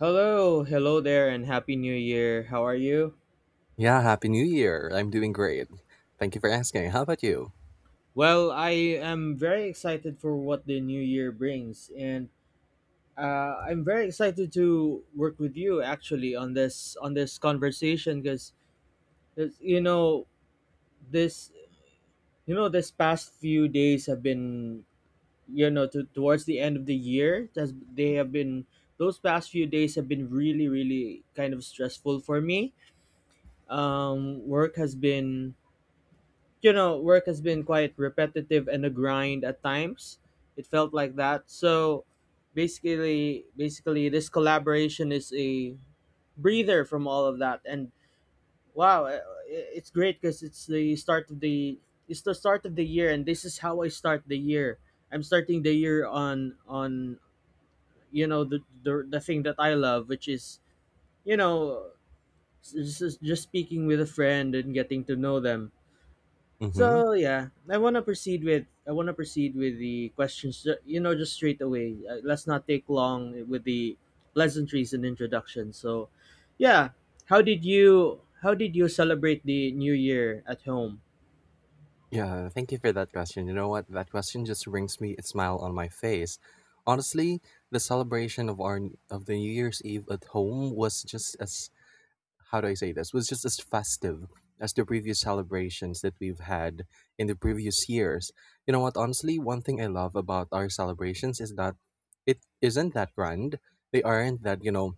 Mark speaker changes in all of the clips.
Speaker 1: Hello, hello there, and happy new year. How are you?
Speaker 2: Yeah, happy new year. I'm doing great. Thank you for asking. How about you?
Speaker 1: Well, I am very excited for what the new year brings, and I'm very excited to work with you actually on this conversation because you know this this past few days have been towards the end of the year they have been those past few days have been really really kind of stressful for me. Work has been work has been quite repetitive and a grind at times. It felt like that. So basically, this collaboration is a breather from all of that. And wow, it's great because it's the start of the it's the start of the year, and this is how I start the year. I'm starting the year on the thing that I love, which is you know just speaking with a friend and getting to know them.
Speaker 2: Mm-hmm.
Speaker 1: So yeah, I want to proceed with the questions. You know, just straight away. Let's not take long with the pleasantries and introduction. So, yeah, how did you celebrate the New Year at home?
Speaker 2: Yeah, thank you for that question. You know what? That question just brings me a smile on my face. Honestly, the celebration of our of the New Year's Eve at home. Was just as how do I say this? Was just as festive as the previous celebrations that we've had in the previous years. You know what? Honestly, one thing I love about our celebrations is that it isn't that grand. They aren't that, you know,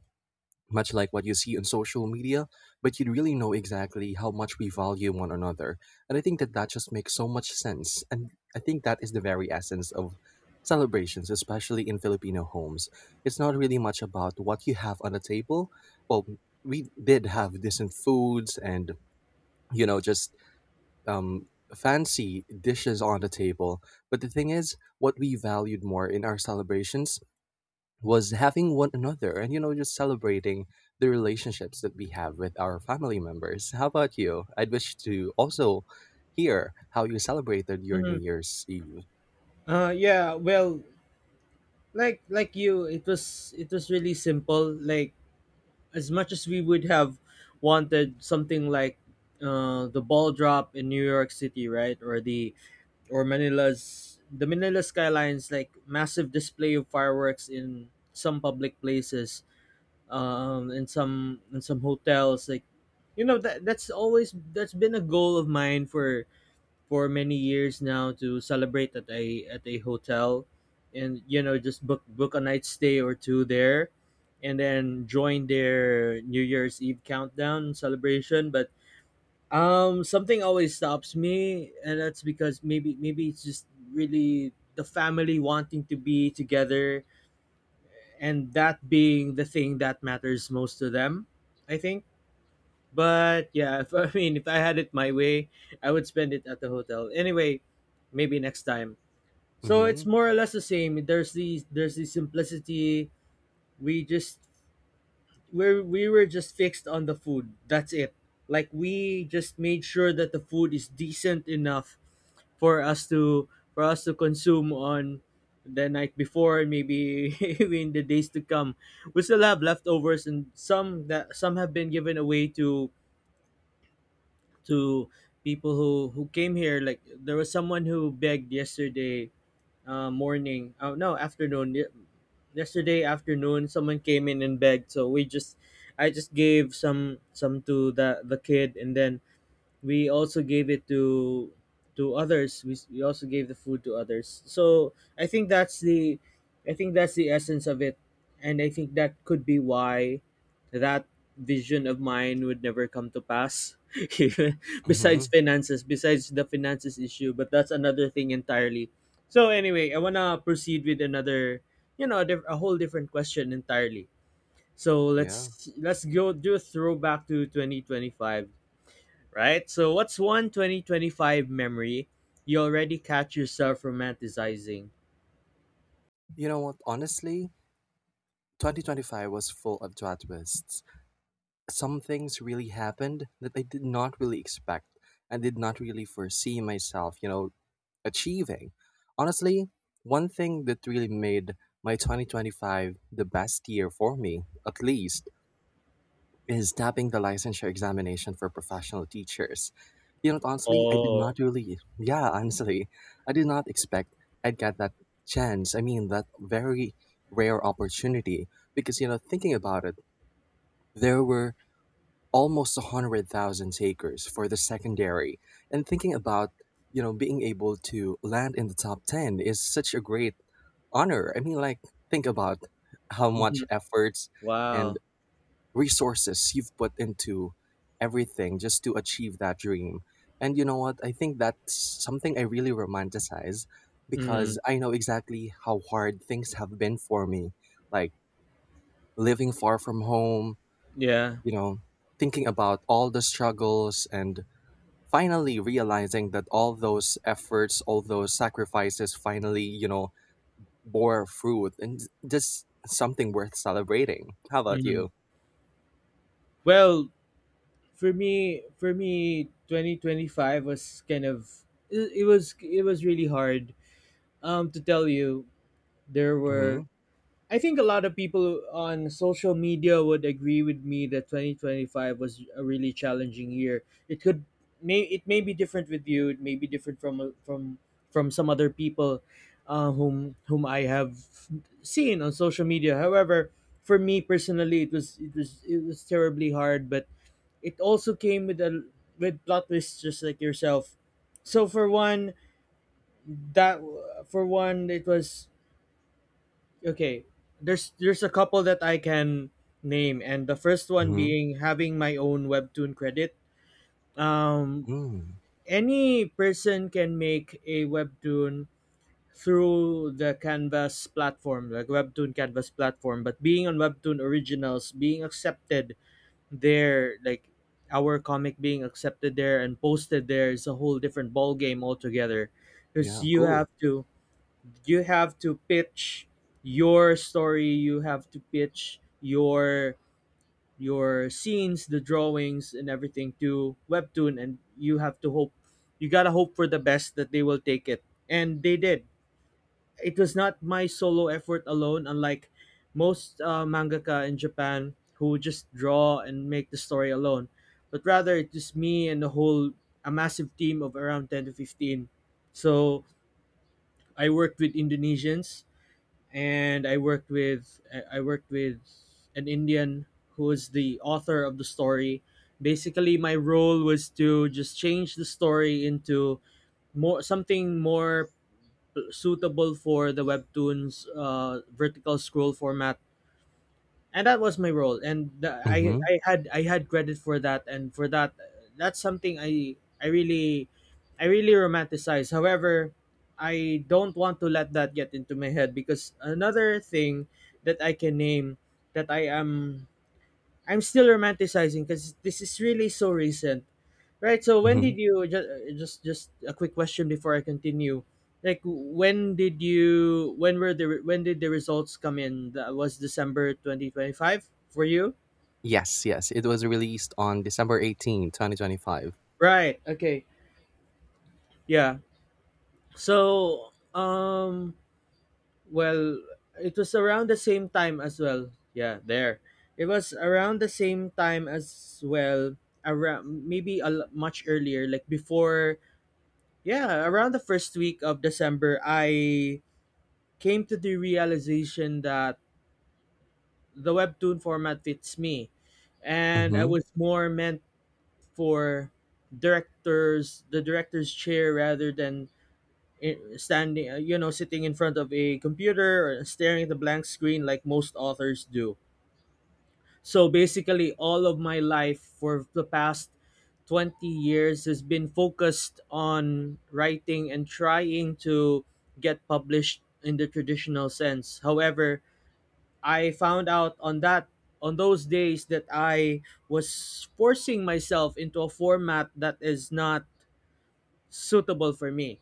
Speaker 2: much like what you see on social media, but you'd really know exactly how much we value one another. And I think that that just makes so much sense. And I think that is the very essence of celebrations, especially in Filipino homes. It's not really much about what you have on the table. Well, we did have decent foods and, just um, fancy dishes on the table. But the thing is, what we valued more in our celebrations was having one another and just celebrating the relationships that we have with our family members. How about you? I'd wish to also hear how you celebrated your New
Speaker 1: Mhm.
Speaker 2: Year's Eve.
Speaker 1: Yeah. Well, like you, it was really simple. Like as much as we would have wanted something like the ball drop in New York City, right, or the or Manila's the Manila skylines, like massive display of fireworks in some public places, in some hotels. Like you know that's always that's been a goal of mine for many years now to celebrate at a hotel and you know just book a night stay or two there and then join their New Year's Eve countdown celebration. But something always stops me, and that's because maybe it's just really the family wanting to be together, and that being the thing that matters most to them, I think. But yeah, if, I mean, if I had it my way, I would spend it at the hotel. Anyway, maybe next time. So it's
Speaker 2: Mm-hmm.
Speaker 1: more or less the same. There's the simplicity. We just we were just fixed on the food. That's it. Like we just made sure that the food is decent enough for us to consume on the night before, maybe in the days to come. We still have leftovers and some that some have been given away to to people who came here. Like there was someone who begged yesterday morning oh no afternoon Ye- yesterday afternoon. Someone came in and begged, so we just I just gave some to the kid, and then we also gave it to others. We also gave the food to others. So I think that's the essence of it. And I think that could be why that vision of mine would never come to pass. Besides
Speaker 2: Mm-hmm.
Speaker 1: finances, besides the finances issue, but that's another thing entirely. So anyway, I want to proceed with another, you know, a whole different question entirely. So
Speaker 2: Yeah,
Speaker 1: let's go do a throwback to 2025, right? So, what's one 2025 memory you already catch yourself romanticizing?
Speaker 2: you know what? Honestly, 2025 was full of plot twists. Some things really happened that I did not really expect and did not really foresee myself achieving. Honestly, one thing that really made my 2025 the best year for me, at least, is tapping the licensure examination for professional teachers. You know, honestly, I did
Speaker 1: Oh,
Speaker 2: not really, yeah, honestly, I did not expect I'd get that chance. I mean, that very rare opportunity because, you know, thinking about it, there were almost 100,000 takers for the secondary, and thinking about being able to land in the top 10 is such a great honor. I mean, like, think about how much
Speaker 1: mhm.
Speaker 2: efforts and
Speaker 1: Wow.
Speaker 2: resources you've put into everything just to achieve that dream. And you know what? I think that's something I really romanticize,
Speaker 1: Hmm.
Speaker 2: because I know exactly how hard things have been for me. Like, living far from home,
Speaker 1: Yeah.
Speaker 2: you know, thinking about all the struggles, and finally realizing that all those efforts, all those sacrifices finally, bore fruit, and just something worth celebrating. How about
Speaker 1: Hmm.
Speaker 2: you?
Speaker 1: Well, for me, 2025 was kind of it, it was really hard. To tell you, there
Speaker 2: Mm-hmm.
Speaker 1: were— I think a lot of people on social media would agree with me that 2025 was a really challenging year. It could it may be different with you. It may be different from from some other people whom I have seen on social media. However, for me personally, it was terribly hard, but it also came with a— with plot twists, just like yourself. So for one, that it was— okay, there's a couple that I can name, and the first one
Speaker 2: Mm-hmm.
Speaker 1: being having my own webtoon credit. um
Speaker 2: Mm.
Speaker 1: any person can make a webtoon through the canvas platform, like webtoon canvas platform, but being on webtoon originals, being accepted there, like our comic being accepted there and posted there, is a whole different ball game altogether. Because
Speaker 2: Yeah,
Speaker 1: you
Speaker 2: cool.
Speaker 1: have to— you have to pitch your story, you have to pitch your your scenes, the drawings, and everything to webtoon, and you have to hope— you gotta hope for the best that they will take it. And they did. It was not my solo effort alone, unlike most mangaka in japan who just draw and make the story alone, but rather it was me and the whole a massive team of around 10 to 15. So I worked with indonesians, and I worked with— I worked with an Indian who was the author of the story. Basically, my role was to just change the story into more something more suitable for the webtoons vertical scroll format. And that was my role, and
Speaker 2: Mm-hmm.
Speaker 1: I had credit for that, and for that that's something i— i really I really romanticize. However, I don't want to let that get into my head, because another thing that I can name that I'm still romanticizing, because this is really so recent. Right. So when
Speaker 2: Mm-hmm.
Speaker 1: did you just— just a quick question before I continue? Like when did you— when were the— when did the results come in? That was December 2025 for you?
Speaker 2: Yes, yes. It was released on December 18, 2025.
Speaker 1: Right. Okay. Yeah. So well, it was around the same time as well. Yeah, there. It was around the same time as well, around maybe much earlier, like before— yeah, around the first week of December I came to the realization that the webtoon format fits me, and I
Speaker 2: Mm-hmm.
Speaker 1: was more meant for directors the director's chair rather than standing, you know, sitting in front of a computer or staring at the blank screen like most authors do. So basically all of my life for the past 20 years has been focused on writing and trying to get published in the traditional sense. However, I found out on that— on those days that I was forcing myself into a format that is not suitable for me.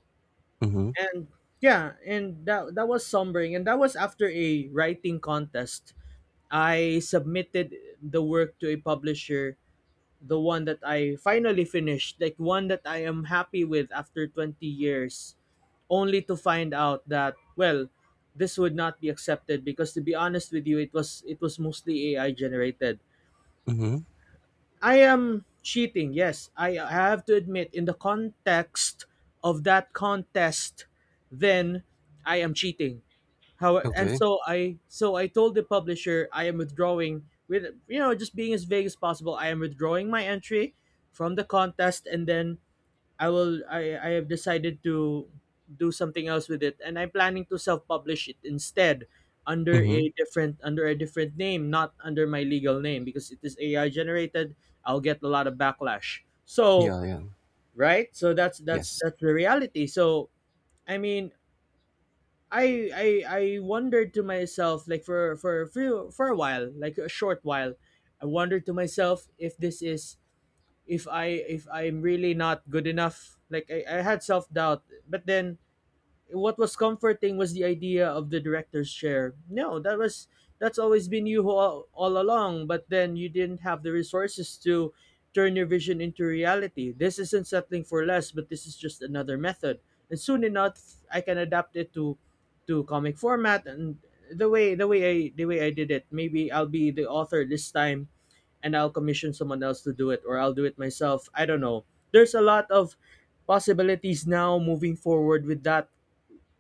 Speaker 2: Mm-hmm.
Speaker 1: And yeah, and that that was sombering, and that was after a writing contest. I submitted the work to a publisher, the one that I finally finished, like one that I am happy with, after 20 years, only to find out that, well, this would not be accepted because, to be honest with you, it was mostly ai generated.
Speaker 2: Mm-hmm.
Speaker 1: I am cheating, yes, I have to admit, in the context of that contest, then I am cheating. How? And
Speaker 2: Okay.
Speaker 1: so i— so I told the publisher I am withdrawing. With, you know, just being as vague as possible, I am withdrawing my entry from the contest. And then I will— I have decided to do something else with it, and I'm planning to self publish it instead under
Speaker 2: Mm-hmm.
Speaker 1: a different— under a different name, not under my legal name, because it is AI generated, I'll get a lot of backlash. So
Speaker 2: Yeah, yeah.
Speaker 1: right? So that's
Speaker 2: Yes.
Speaker 1: that's the reality. So I mean, I wondered to myself, like, for a few for a while, like a short while, I wondered to myself if this is— if I— if I'm really not good enough. Like I had self doubt, but then what was comforting was the idea of the director's chair. No, that was— that's always been you all along, but then you didn't have the resources to turn your vision into reality. This isn't settling for less, but this is just another method. And soon enough, I can adapt it to comic format, and the way— the way I did it. Maybe I'll be the author this time, and I'll commission someone else to do it, or I'll do it myself. I don't know. There's a lot of possibilities now moving forward with that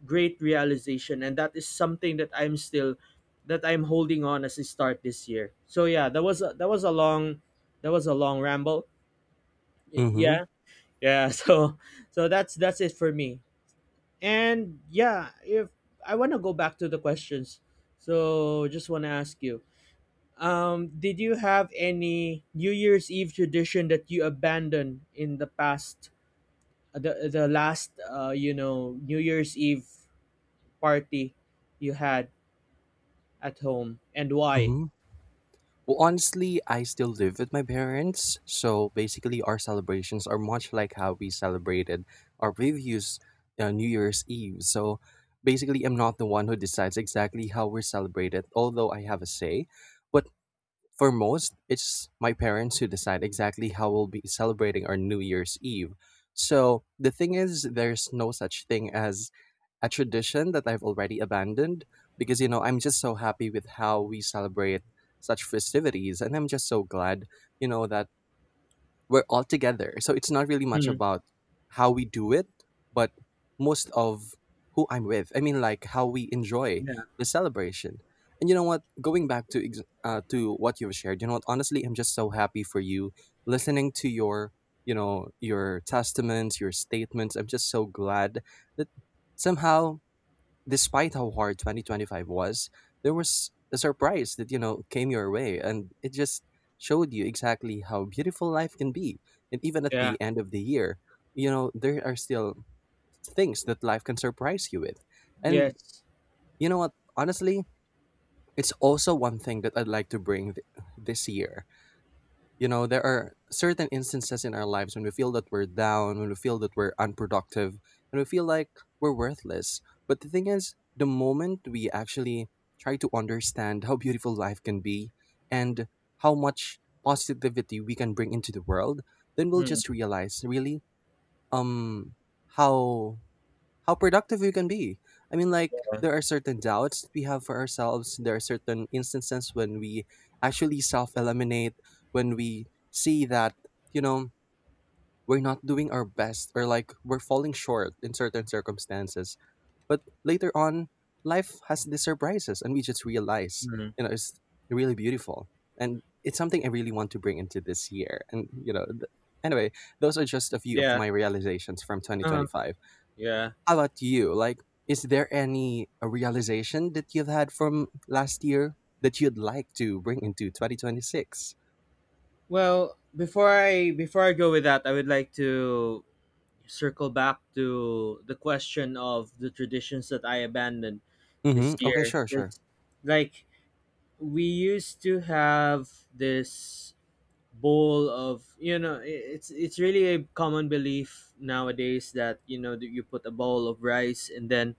Speaker 1: great realization, and that is something that I'm still that I'm holding on as I start this year. So yeah, that was a— that was a long ramble. Y-
Speaker 2: Mm-hmm.
Speaker 1: yeah yeah. So that's it for me. And yeah, if— I want to go back to the questions. So just want to ask you, did you have any new year's eve tradition that you abandoned in the past, the last, you know, new year's eve party you had at home, and why?
Speaker 2: Mm-hmm. Well, honestly, I still live with my parents, so basically our celebrations are much like how we celebrated our previous New Year's Eve. So basically, I'm not the one who decides exactly how we're celebrated, although I have a say. But for most, it's my parents who decide exactly how we'll be celebrating our New Year's Eve. So the thing is, there's no such thing as a tradition that I've already abandoned, because, you know, I'm just so happy with how we celebrate such festivities. And I'm just so glad, you know, that we're all together. So it's not really much
Speaker 1: Hmm.
Speaker 2: about how we do it, but most of who I'm with. I mean, like, how we enjoy
Speaker 1: Yeah.
Speaker 2: the celebration. And you know what? Going back to to what you've shared, you know what? Honestly, I'm just so happy for you. Listening to your testaments, your statements. I'm just so glad that somehow, despite how hard 2025 was, there was a surprise that, you know, came your way. And it just showed you exactly how beautiful life can be. And even at
Speaker 1: Yeah.
Speaker 2: the end of the year, you know, there are still things that life can surprise you with. And
Speaker 1: Yes.
Speaker 2: you know what? Honestly, it's also one thing that I'd like to bring this year. You know, there are certain instances in our lives when we feel that we're down, when we feel that we're unproductive, and we feel like we're worthless. But the thing is, the moment we actually try to understand how beautiful life can be and how much positivity we can bring into the world, then we'll
Speaker 1: Hmm.
Speaker 2: just realize really um how how productive you can be. I mean, like, there are certain doubts that we have for ourselves. There are certain instances when we actually self eliminate, when we see that, you know, we're not doing our best, or like we're falling short in certain circumstances. But later on, life has these surprises and we just realize,
Speaker 1: Hmm.
Speaker 2: you know, it's really beautiful. And it's something I really want to bring into this year. And, anyway, those are just a few of
Speaker 1: Yeah.
Speaker 2: my realizations from
Speaker 1: Uh-huh.
Speaker 2: 2025.
Speaker 1: Yeah.
Speaker 2: How about you? Like, is there any realization that you've had from last year that you'd like to bring into 2026?
Speaker 1: Well, before I go with that, I would like to circle back to the question of the traditions that I abandoned this
Speaker 2: Mm-hmm. Okay,
Speaker 1: year.
Speaker 2: sure, sure.
Speaker 1: It's like we used to have this bowl of it's really a common belief nowadays that that you put a bowl of rice, and then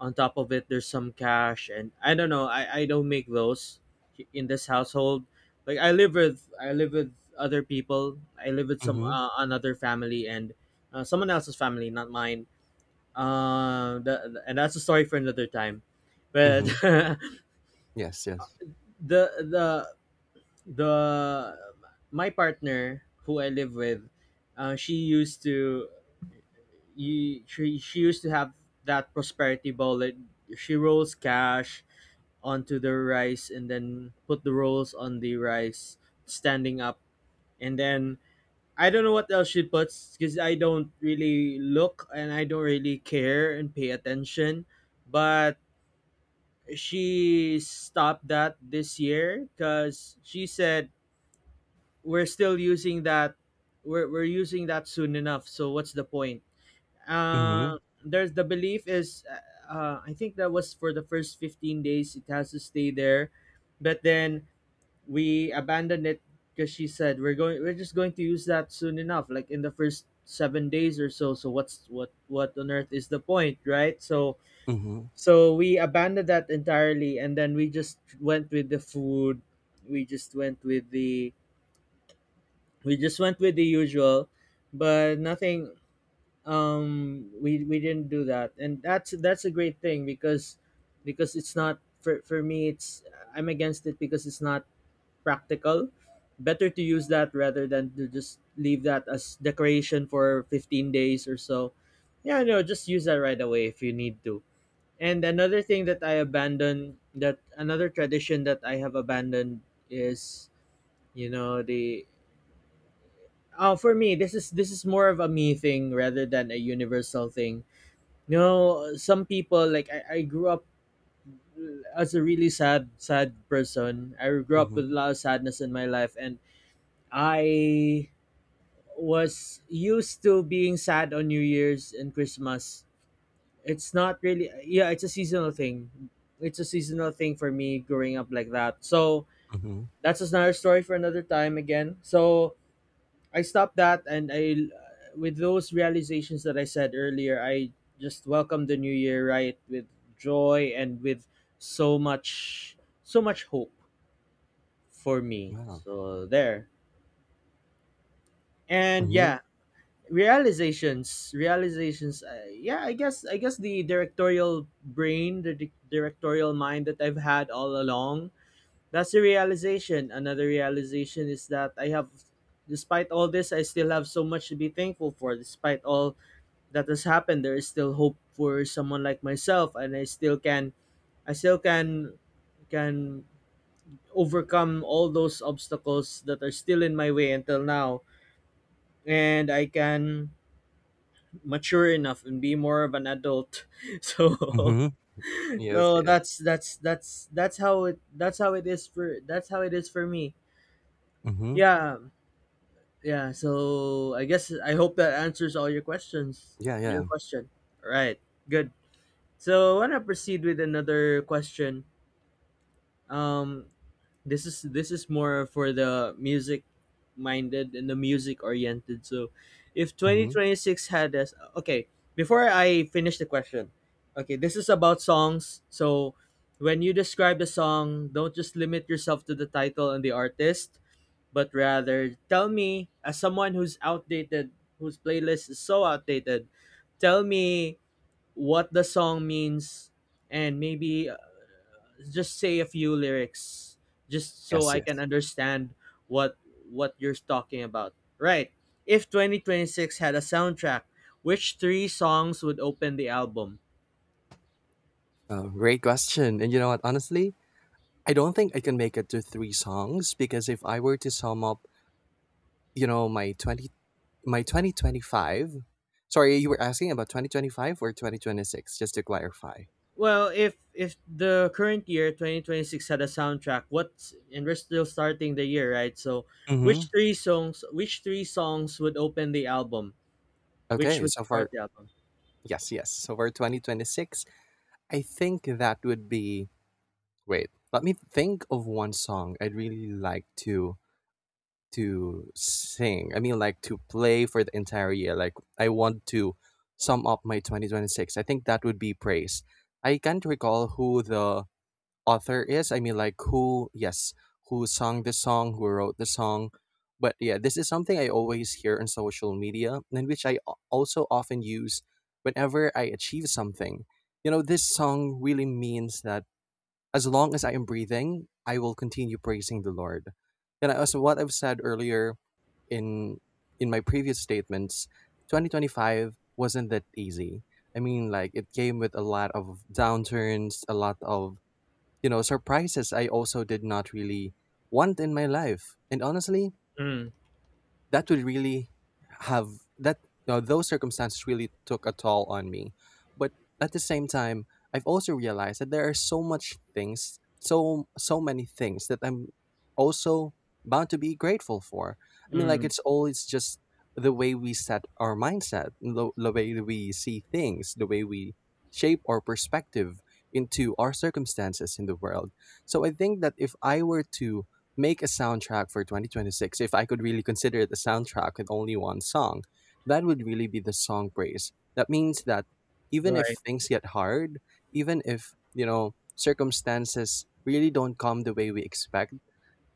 Speaker 1: on top of it there's some cash. And I don't know, I don't make those in this household. Like I live with other people. I live with some
Speaker 2: Mm-hmm.
Speaker 1: another family, and someone else's family, not mine. And that's a story for another time, but
Speaker 2: Mm-hmm. Yes, yes.
Speaker 1: the the the my partner who I live with, she used to she used to have that prosperity ball, that she rolls cash onto the rice and then put the rolls on the rice standing up. And then I don't know what else she puts, because I don't really look and I don't really care and pay attention. But she stopped that this year because she said we're still using that, we're using that soon enough. So what's the point?
Speaker 2: Mm-hmm.
Speaker 1: Uh, there's the belief is, I think that was for the first 15 days it has to stay there. But then we abandoned it because she said we're just going to use that soon enough, like in the first 7 days or so. So what's what on earth is the point, right? So
Speaker 2: Mm-hmm.
Speaker 1: so we abandoned that entirely, and then we just went with the food. we just went with the we just went with the usual. But nothing. We we didn't do that, and that's a great thing. Because it's not for for me it's I'm against it because it's not practical. Better to use that rather than to just leave that as decoration for 15 days or so. Yeah, no, just use that right away if you need to. And another thing that I abandoned, that another tradition that I have abandoned is, you know, the oh, for me this is more of a me thing rather than a universal thing. You know, some people like I grew up as a really sad person. I grew up with
Speaker 2: Mm-hmm.
Speaker 1: a lot of sadness in my life, and I was used to being sad on New Year's and Christmas. It's not really yeah, it's a seasonal thing. It's a seasonal thing for me growing up like that. So
Speaker 2: Mm-hmm.
Speaker 1: that's just another story for another time again. So I stopped that, and I with those realizations that I said earlier, I just welcomed the new year right with joy and with so much so much hope for me.
Speaker 2: Wow.
Speaker 1: So there. And
Speaker 2: Mm-hmm.
Speaker 1: yeah, realizations yeah, I guess the directorial brain, the directorial mind that I've had all along, that's a realization. Another realization is that I have, despite all this, I still have so much to be thankful for. Despite all that has happened, there is still hope for someone like myself, and I still can overcome all those obstacles that are still in my way until now. And I can mature enough and be more of an adult. So
Speaker 2: Mm-hmm. Yes,
Speaker 1: so
Speaker 2: yes.
Speaker 1: that's that's how it is for that's how it is for me.
Speaker 2: Mm-hmm.
Speaker 1: Yeah. Yeah. So I guess I hope that answers all your questions
Speaker 2: Yeah,
Speaker 1: your
Speaker 2: yeah.
Speaker 1: question. All right, good. So I want to proceed with another question. um this is more for the music minded and the music oriented. So if
Speaker 2: Mm-hmm.
Speaker 1: 2026 had us okay, before I finish the question, okay, this is about songs. So when you describe the song, don't just limit yourself to the title and the artist, but rather tell me, as someone who's outdated, whose playlist is so outdated, tell me what the song means, and maybe just say a few lyrics just so
Speaker 2: Yes,
Speaker 1: I can
Speaker 2: yes.
Speaker 1: understand what you're talking about. Right. If 2026 had a soundtrack, which three songs would open the album?
Speaker 2: Great question. And you know what? Honestly, I don't think I can make it to three songs, because if I were to sum up, you know, my twenty my 2025. Sorry, you were asking about 2025 or 2026, just to clarify?
Speaker 1: Well, if the current year 2026 had a soundtrack, what's and we're still starting the year, right? So,
Speaker 2: Mm-hmm.
Speaker 1: which three songs would open the album? Which
Speaker 2: Okay,
Speaker 1: would
Speaker 2: so
Speaker 1: start
Speaker 2: for
Speaker 1: the album?
Speaker 2: yes, yes, so for 2026, I think that would be — wait, let me think of one song I'd really like to sing, I mean, like, to play for the entire year. Like, I want to sum up my 2026. I think that would be Praise. I can't recall who the author is. I mean, like, who sung the song, who wrote the song. But yeah, this is something I always hear on social media and which I also often use whenever I achieve something. You know, this song really means that as long as I am breathing, I will continue praising the Lord. And as what I've said earlier in in my previous statements, 2025 wasn't that easy. I mean, like, it came with a lot of downturns, a lot of, surprises I also did not really want in my life. And honestly,
Speaker 1: Mm,
Speaker 2: that would really have that those circumstances really took a toll on me. But at the same time, I've also realized that there are so much things, so many things that I'm also bound to be grateful for. I mean, like,
Speaker 1: mm,
Speaker 2: it's always just the way we set our mindset, the way that we see things, the way we shape our perspective into our circumstances in the world. So I think that if I were to make a soundtrack for 2026, if I could really consider it a soundtrack with only one song, that would really be the song Praise. That means that even if
Speaker 1: right.
Speaker 2: things get hard, even if, circumstances really don't come the way we expect,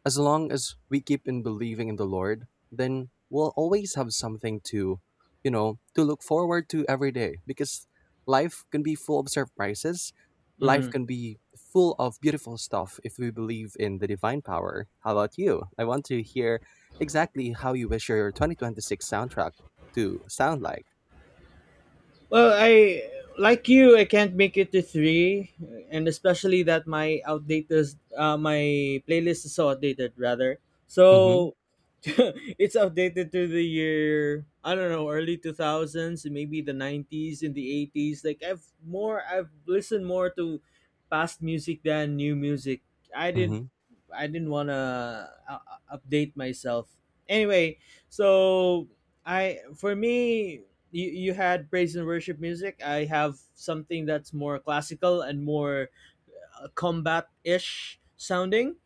Speaker 2: as long as we keep in believing in the Lord, then we'll always have something to look forward to every day, because life can be full of surprises. Life
Speaker 1: Mm.
Speaker 2: can be full of beautiful stuff if we believe in the divine power. How about you? I want to hear exactly how you wish your 2026 soundtrack to sound like.
Speaker 1: Well, I like you. I can't make it to three, and especially that my outdated, my playlist is so outdated rather.
Speaker 2: Mm-hmm.
Speaker 1: So it's outdated to the year I don't know, early two thousands, maybe the 90s and the 80s. Like I've listened more to past music than new music. I didn't,
Speaker 2: Mm-hmm.
Speaker 1: I didn't wanna update myself. Anyway, so I for me, you had praise and worship music. I have something that's more classical and more combat ish sounding,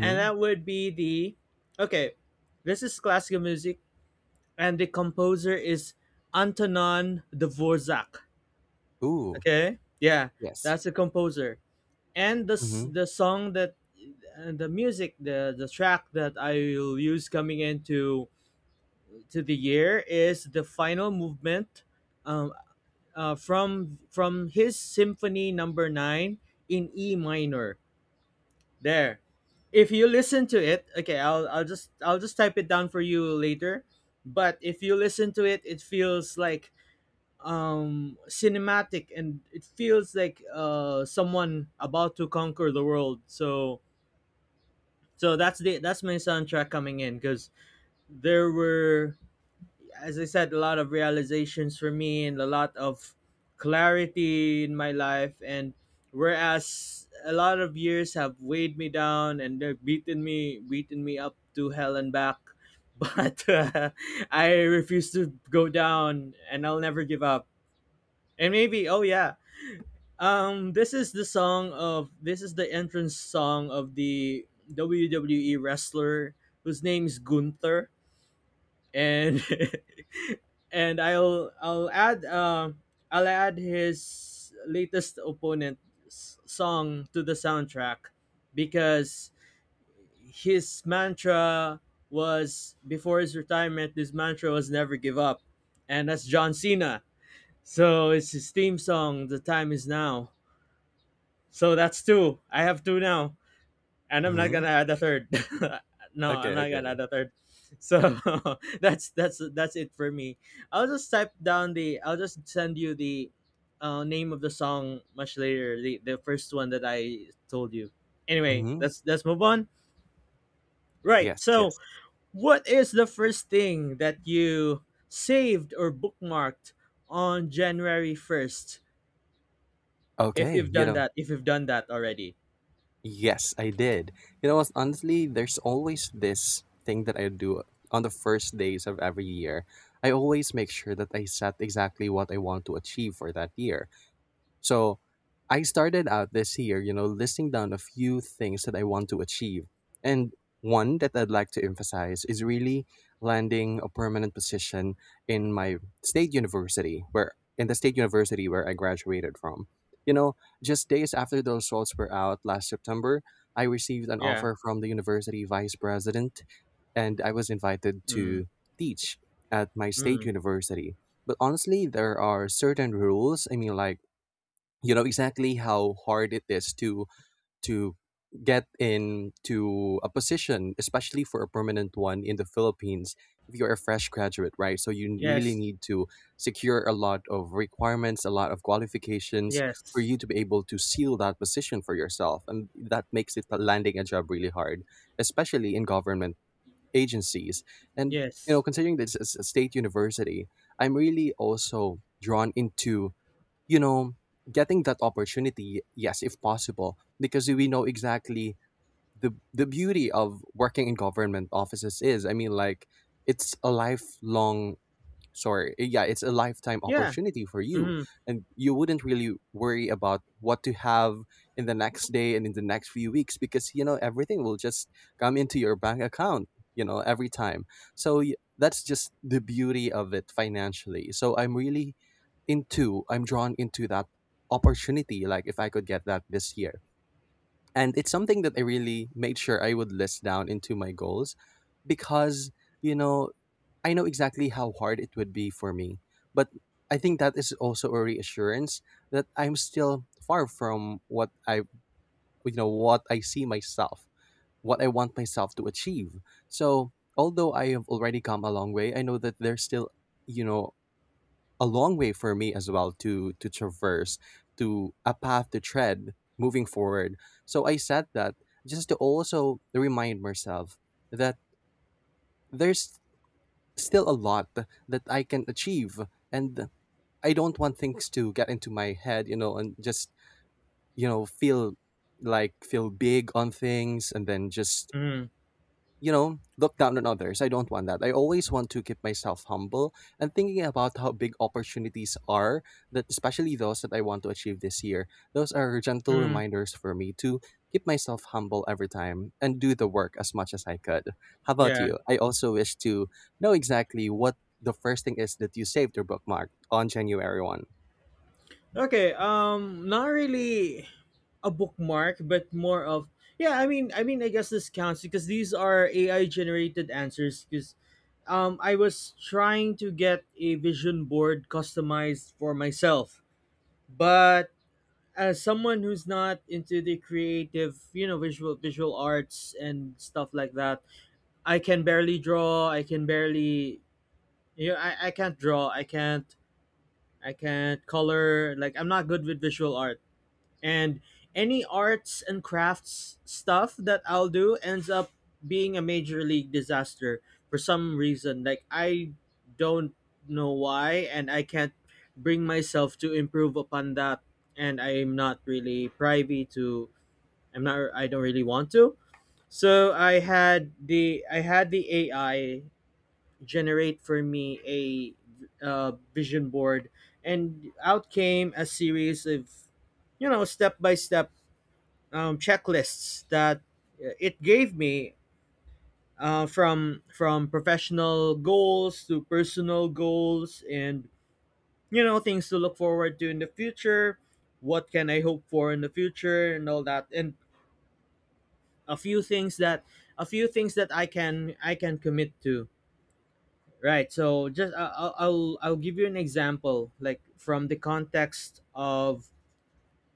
Speaker 1: and that would be the okay. This is classical music, and the composer is Antonin Dvorak.
Speaker 2: Ooh.
Speaker 1: Okay, yeah,
Speaker 2: Yes.
Speaker 1: that's the composer, and the
Speaker 2: Mm-hmm.
Speaker 1: the song that and the music the track that I will use coming into to the year is the final movement, um, from his symphony number 9 in E minor. There. If you listen to it, okay, I'll just type it down for you later, but if you listen to it, it feels like cinematic, and it feels like someone about to conquer the world. So that's the that's my soundtrack coming in, cuz there were, as I said, a lot of realizations for me and a lot of clarity in my life. And whereas a lot of years have weighed me down and they've beaten me up to hell and back, but I refuse to go down and I'll never give up. And maybe, oh yeah, this is the song of this is the entrance song of the WWE wrestler whose name is Gunther and and I'll add I'll add his latest opponent's song to the soundtrack, because his mantra was before his retirement. This mantra was never give up, and that's John Cena. So it's his theme song. The time is now. So that's two. I have two now, and I'm not
Speaker 2: Mm-hmm.
Speaker 1: gonna add a third. No, I'm
Speaker 2: Okay,
Speaker 1: not gonna
Speaker 2: okay.
Speaker 1: add a third. So that's that's it for me. I'll just type down the. I'll just send you the name of the song much later. The first one that I told you. Anyway,
Speaker 2: Mm-hmm.
Speaker 1: let's move on. Right.
Speaker 2: Yes,
Speaker 1: So,
Speaker 2: yes.
Speaker 1: what is the first thing that you saved or bookmarked on January 1st? If
Speaker 2: Okay,
Speaker 1: you've
Speaker 2: you
Speaker 1: done
Speaker 2: know.
Speaker 1: that, already,
Speaker 2: Yes, I did. You know what? Honestly, there's always this thing that I do on the first days of every year. I always make sure that I set exactly what I want to achieve for that year. So I started out this year, you know, listing down a few things that I want to achieve. And one that I'd like to emphasize is really landing a permanent position in my state university, where, in the state university where I graduated from. You know, just days after the results were out last September, I received an
Speaker 1: yeah.
Speaker 2: offer from the university vice president and I was invited
Speaker 1: Mm,
Speaker 2: to teach at my state
Speaker 1: mm.
Speaker 2: university. But honestly, there are certain rules. I mean, like, you know exactly how hard it is to get into a position, especially for a permanent one in the Philippines if you're a fresh graduate, right? So you really
Speaker 1: Yes.
Speaker 2: need to secure a lot of requirements, a lot of qualifications for
Speaker 1: Yes.
Speaker 2: you to be able to seal that position for yourself, and that makes it landing a job really hard, especially in government agencies. And, you know,
Speaker 1: Yes.
Speaker 2: considering this as a state university, I'm really also drawn into, you know, getting that opportunity, yes, if possible, because we know exactly, the beauty of working in government offices is. I mean, like, it's a lifelong, sorry, yeah, it's a lifetime
Speaker 1: Yeah.
Speaker 2: opportunity for you,
Speaker 1: Mhm.
Speaker 2: and you wouldn't really worry about what to have in the next day and in the next few weeks, because, everything will just come into your bank account, every time. So that's just the beauty of it financially. So I'm really into, I'm drawn into that opportunity, like if I could get that this year. And it's something that I really made sure I would list down into my goals, because, you know I know exactly how hard it would be for me. But I think that is also a reassurance that I'm still far from what I, what I see myself, what I want myself to achieve. So although I have already come a long way, I know that there's still, you know, a long way for me as well to traverse, to a path to tread moving forward. So I said that just to also remind myself that there's still a lot that I can achieve. And I don't want things to get into my head, you know, and just, feel like feel big on things, and then just,
Speaker 1: Mhm.
Speaker 2: look down on others. I don't want that. I always want to keep myself humble, and thinking about how big opportunities are, that especially those that I want to achieve this year. Those are gentle
Speaker 1: Mhm.
Speaker 2: reminders for me to keep myself humble every time and do the work as much as I could. How about
Speaker 1: Yeah.
Speaker 2: you? I also wish to know exactly what the first thing is that you saved or bookmarked on January 1st.
Speaker 1: Okay. Um, not really a bookmark, but more of yeah. I guess this counts because these are AI generated answers. Because, I was trying to get a vision board customized for myself, but as someone who's not into the creative, you know, visual arts and stuff like that, I can barely draw. I can barely. You know, I can't draw. I can't color. Like I'm not good with visual art. And any arts and crafts stuff that I'll do ends up being a major league disaster for some reason. Like I don't know why, and I can't bring myself to improve upon that, and I'm not really privy to I don't really want to. So I had the AI generate for me a vision board, and out came a series of you know step by step checklists that it gave me, from professional goals to personal goals, and you know things to look forward to in the future, what can I hope for in the future and all that, and a few things that a few things that I can commit to. Right. So just I'll give you an example, like from the context of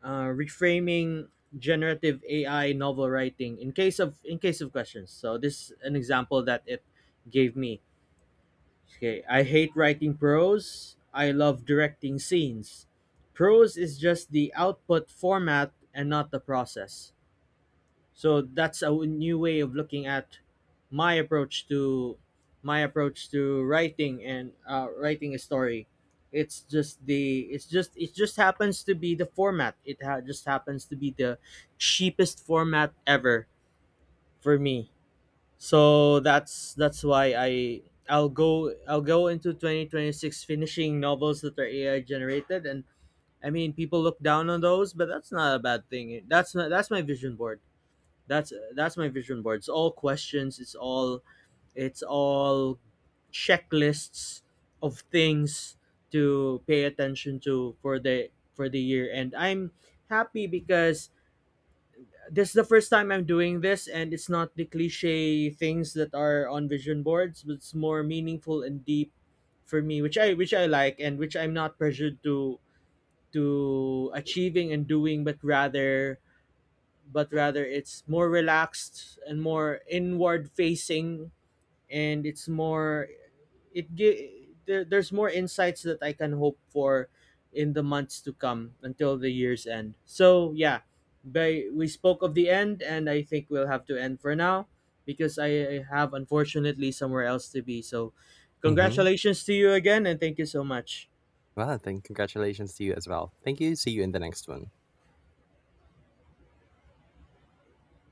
Speaker 1: reframing generative AI novel writing in case of questions. So this is an example that it gave me. Okay, I hate writing prose. I love directing scenes. Prose is just the output format and not the process. So that's a new way of looking at my approach to my approach to writing and writing a story. It's just the it just happens to be the format, it just happens to be the cheapest format ever for me. So that's why I'll go into 2026 finishing novels that are AI generated, and I mean people look down on those, but that's not a bad thing. That's not That's my vision board. That's my vision board. It's all questions. It's all checklists of things to pay attention to for the year. And I'm happy because this is the first time I'm doing this, and it's not the cliche things that are on vision boards, but it's more meaningful and deep for me, which I like and which I'm not pressured to achieving and doing, but rather it's more relaxed and more inward facing. And it's more there's more insights that I can hope for in the months to come until the year's end. So yeah, we spoke of the end, and I think we'll have to end for now because I have unfortunately somewhere else to be. So
Speaker 2: Mm-hmm.
Speaker 1: congratulations to you again, and thank you so much.
Speaker 2: Well, then congratulations to you as well. Thank you. See you in the next one.